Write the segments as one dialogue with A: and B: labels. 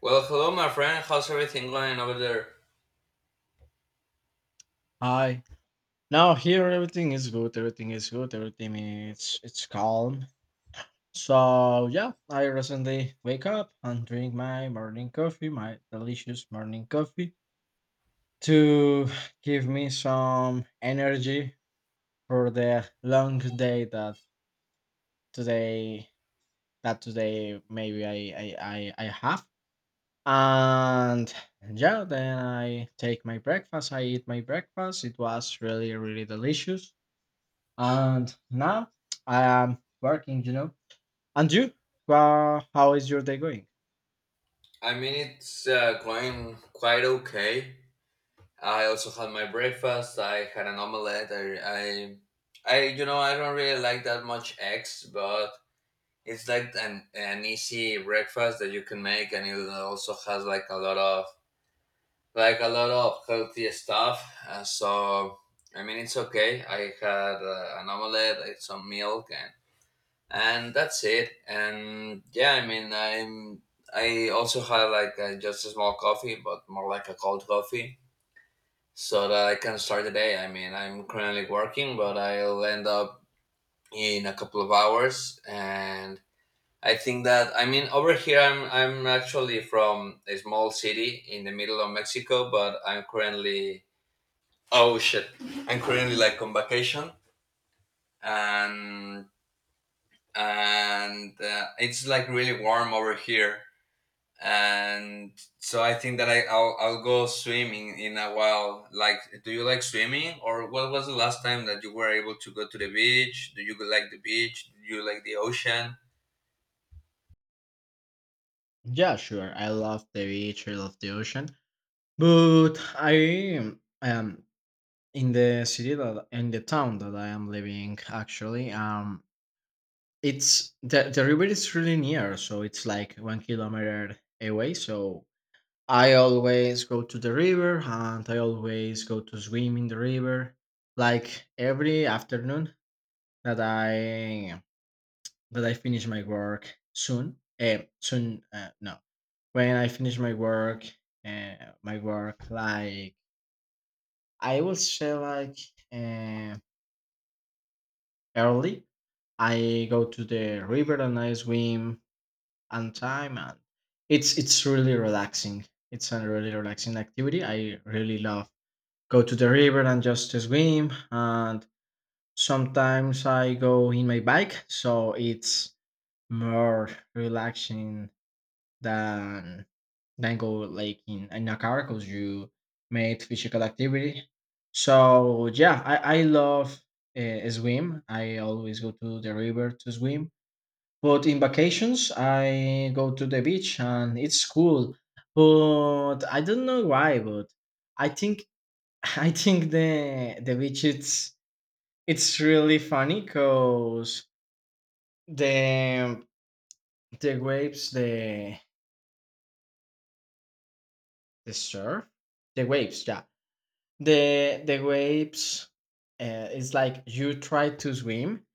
A: Well, hello, my friend. How's everything going over there?
B: Hi. Now here everything is good. Everything is good. Everything is it's calm. So yeah, I recently wake up and drink my morning coffee, my delicious morning coffee, to give me some energy for the long day that today today maybe I have. And yeah, then I take my breakfast. I eat my breakfast. It was really really delicious. And now I am working, And you? How is your day going?
A: I mean, it's going quite okay. I also had my breakfast. I had an omelette. I, I don't really like that much eggs, but it's like an easy breakfast that you can make, and it also has like a lot of healthy stuff. Uh, so, I mean, it's okay. I had an omelette, I had some milk, and that's it. And yeah, I mean, I also had like just a small coffee, but more like a cold coffee so that I can start the day. I mean, I'm currently working, but I'll end up in a couple of hours. And I think that, I mean, over here, I'm actually from a small city in the middle of Mexico, but I'm currently, oh shit, I'm currently like on vacation. And and uh, it's like really warm over here. And so I think that I'll go swimming in a while. Like, do you like swimming, or what was the last time that you were able to go to the beach? Do you like the beach? Do you like the ocean?
B: Yeah, sure. I love the beach. I love the ocean. But I am in the town that I am living. Actually, it's the river is really near, so it's like 1 kilometer away. So I always go to the river, and I always go to swim in the river, like every afternoon that I that I finish my work soon. Soon, no. When I finish uh, my work, like I will say, uh, early. I go to the river and I swim on time, and it's really relaxing. It's a really relaxing activity. I really love go to the river and just swim, and sometimes I go in my bike, so it's more relaxing than than go in a car because you made physical activity. So yeah, I love swim. I always go to the river to swim. But in vacations, I go to the beach and it's cool. But I don't know why, but I think I think the beach it's really funny because the the waves the surf the waves yeah the waves, it's like you try to swim,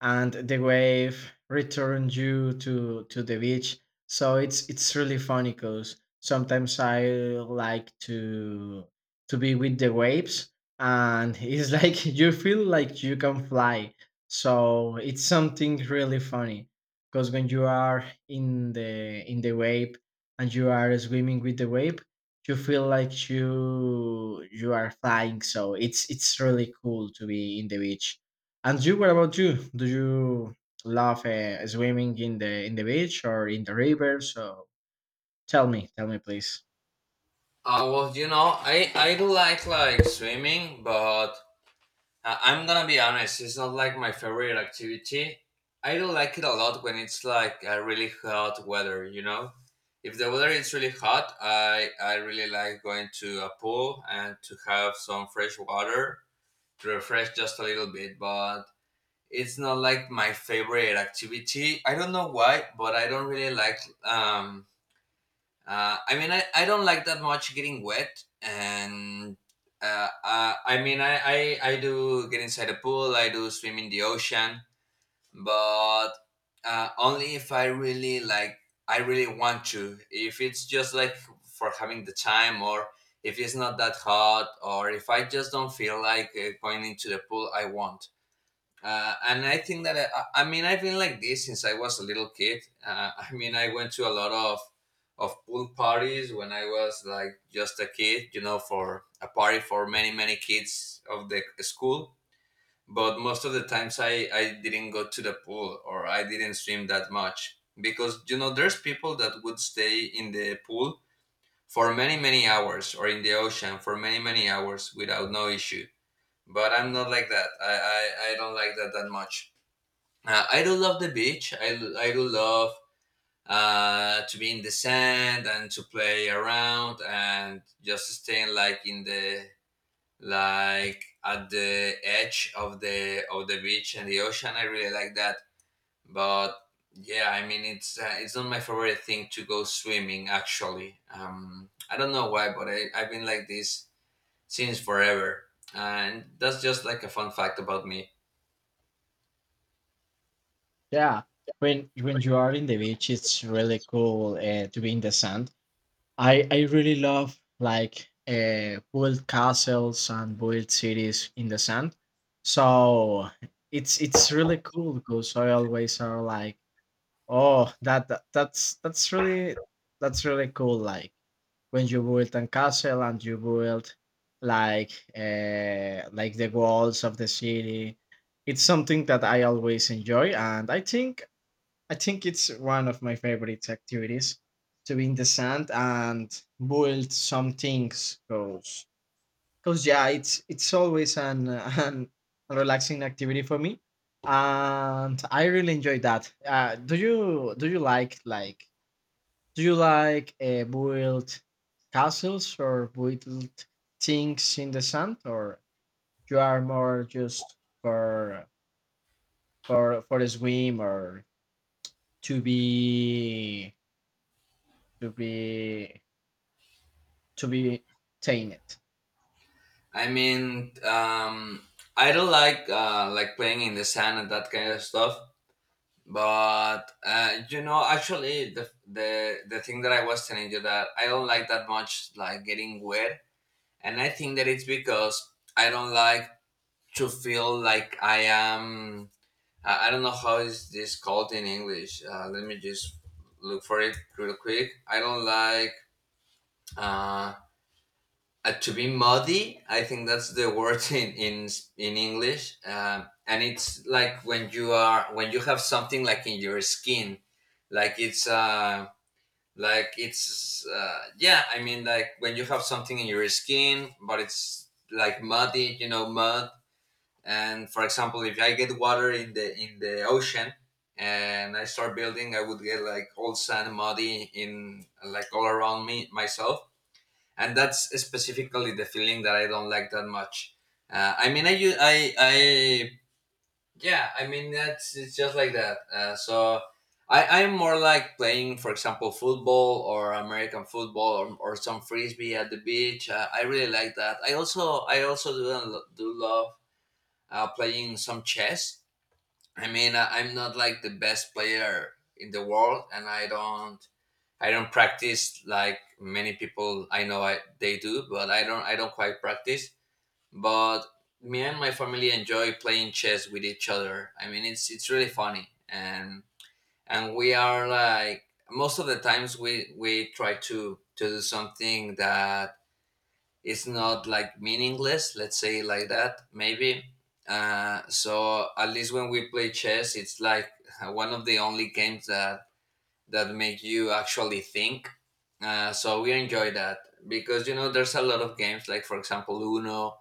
B: and the wave returns you to the beach so it's really funny because sometimes I like to be with the waves and it's like you feel like you can fly so it's something really funny because when you are in the wave and you are swimming with the wave you feel like you are flying so it's really cool to be in the beach and you, what about you? Do you love swimming in the beach or in the river? So tell me, please.
A: Well, you know, I do like swimming, but I, I'm gonna be honest, it's not like my favorite activity. I do like it a lot when it's like a really hot weather. You know, if the weather is really hot, I really like going to a pool and to have some fresh water, refresh just a little bit, but it's not like my favorite activity. I don't know why, but I don't really like. Um, I mean, I don't like that much getting wet. And I mean, I do get inside a pool. I do swim in the ocean, but only if I really like. I really want to. If it's just like for having the time, or if it's not that hot, or if I just don't feel like going into the pool, I won't. And I think that I mean, I've been like this since I was a little kid. I mean, I went to a lot of pool parties when I was like just a kid, you know, for a party for many many kids of the school. But most of the times I didn't go to the pool, or I didn't swim that much because, you know, there's people that would stay in the pool for many many hours, or in the ocean for many many hours without no issue. But I'm not like that. I, I don't like that much. I do love the beach. I do love to be in the sand, and to play around, and just staying like in the like at the edge of the beach and the ocean. I really like that. But yeah, I mean, it's not my favorite thing to go swimming, actually. I don't know why, but I've been like this since forever, and that's just like a fun fact about me.
B: Yeah, when you are in the beach, it's really cool to be in the sand. I really love like build castles and build cities in the sand. So it's really cool because I always are like oh, that's really cool. Like when you build a castle and you build like like the walls of the city, it's something that I always enjoy, and I think it's one of my favorite activities to be in the sand and build some things. Cause yeah, it's always an an relaxing activity for me, and I really enjoy that. Do you like build castles or build things in the sand, or you are more just for for a swim or to be to be to be tainted?
A: I mean, I do like playing in the sand and that kind of stuff. But you know, actually, the thing that I was telling you that I don't like that much, like getting wet, and I think that it's because I don't like to feel like I am. I don't know how is this called in English. Let me just look for it real quick. I don't like. uh, to be muddy, I think that's the word in in English. And it's like when you are, when you have something like in your skin, like it's uh like it's yeah, I mean, like when you have something in your skin, but it's like muddy, you know, mud. And for example, if I get water in the ocean, and I start building, I would get like all sand muddy in like all around me, myself. And that's specifically the feeling that I don't like that much. I mean, I, yeah, I mean, that's it's just like that. So I'm more like playing, for example, football, or American football, or some frisbee at the beach. I really like that. I also do love playing some chess. I mean, I'm not like the best player in the world, and I don't practice like many people I know they do, but I don't quite practice. But me and my family enjoy playing chess with each other. I mean, it's really funny. And we are like most of the times we try to do something that it's not like meaningless, let's say it like that, maybe. So at least when we play chess, it's like one of the only games that make you actually think. So we enjoy that because, you know, there's a lot of games, like, for example, Uno,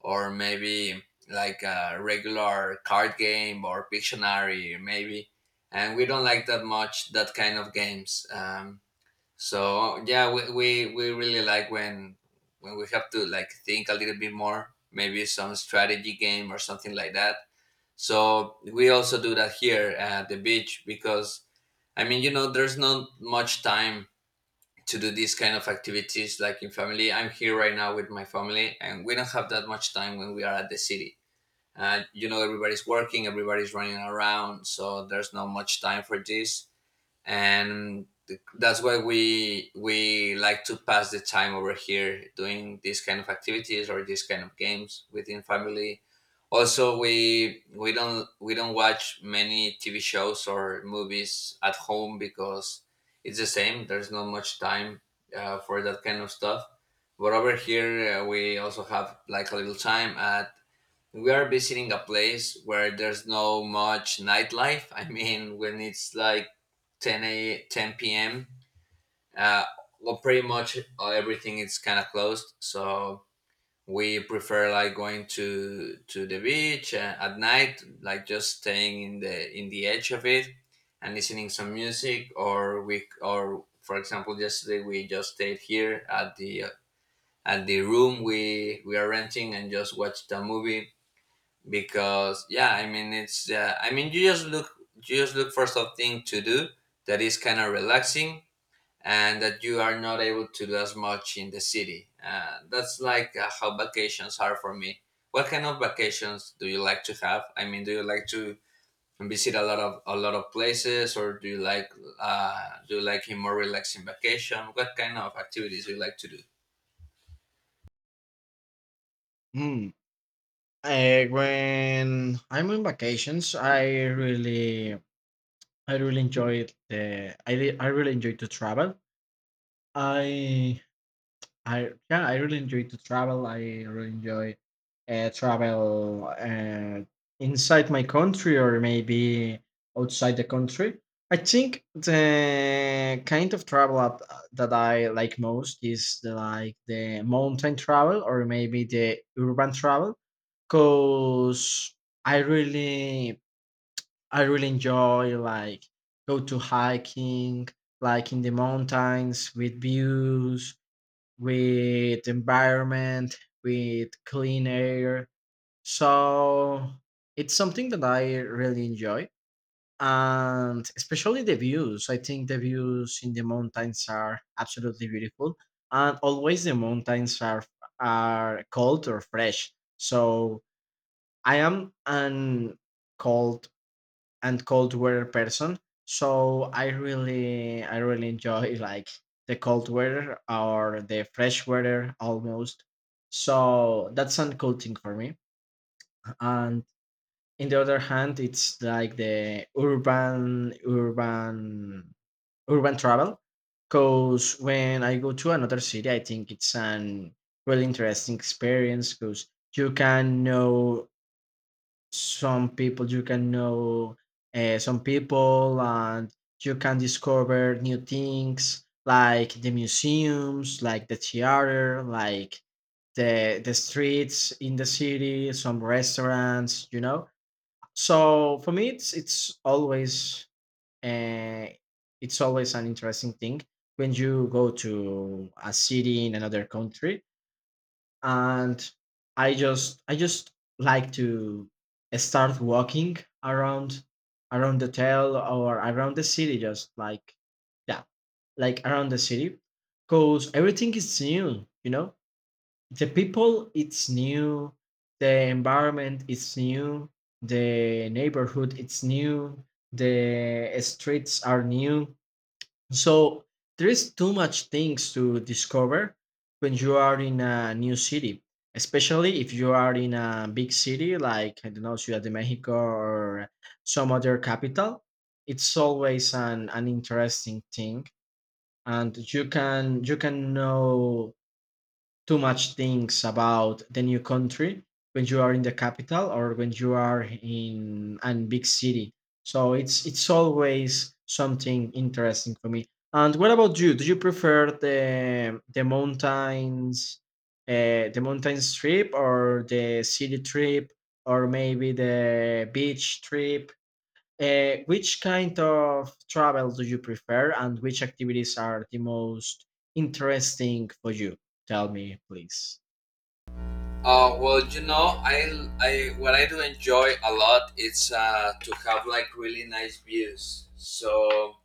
A: or maybe like a regular card game, or Pictionary maybe, and we don't like that much that kind of games. So yeah, we really like when we have to like think a little bit more, maybe some strategy game or something like that. So we also do that here at the beach because, I mean, you know, there's not much time to do these kind of activities like in family. I'm here right now with my family, and we don't have that much time when we are at the city. You know, everybody's working, everybody's running around, so there's not much time for this. And that's why we like to pass the time over here doing these kind of activities or these kind of games within family. Also, we don't watch many TV shows or movies at home because it's the same, there's not much time for that kind of stuff. But over here, we also have like a little time at, we are visiting a place where there's no much nightlife. I mean, when it's like 10 p.m., uh, well, pretty much everything is kind of closed. So we prefer like going to the beach at night, like just staying in the edge of it and listening some music. Or we or for example, yesterday we just stayed here at the room we are renting, and just watched a movie because, yeah, I mean, it's I mean, you just look for something to do that is kind of relaxing, and that you are not able to do as much in the city. That's like how vacations are for me. What kind of vacations do you like to have? I mean, do you like to visit a lot of places, or do you like a more relaxing vacation? What kind of activities do you like to do?
B: Hmm. When I'm on vacations, I really enjoy to travel. I I really enjoy to travel. I really enjoy travel inside my country or maybe outside the country. I think the kind of travel that I like most is like the mountain travel or maybe the urban travel because I really I really enjoy like go to hiking, like in the mountains with views, with environment, with clean air. So it's something that I really enjoy. And especially the views. I think the views in the mountains are absolutely beautiful. And always the mountains are cold or fresh. So I am an cold and cold weather person. So I really enjoy like the cold weather or the fresh weather almost. So that's an cool thing for me. And in the other hand, it's like the urban travel. Cause when I go to another city, I think it's an really interesting experience because you can know some people you can know some people and you can discover new things like the museums, like the theater, like the streets in the city, some restaurants, you know, so for me it's always uh, it's always an interesting thing when you go to a city in another country. And I just like to start walking around the town or around the city just like yeah, like around the city because everything is new, you know, the people it's new, the environment it's new, the neighborhood it's new, the streets are new, so there is too much things to discover when you are in a new city, especially if you are in a big city, like I don't know, Ciudad de Mexico or some other capital. It's always an interesting thing, and you can know too much things about the new country when you are in the capital or when you are in a big city. So it's always something interesting for me. And what about you? Do you prefer the mountains, the mountain trip or the city trip or maybe the beach trip? Which kind of travel do you prefer, and which activities are the most interesting for you? Tell me, please.
A: Well, you know, I, what I do enjoy a lot is to have like really nice views. So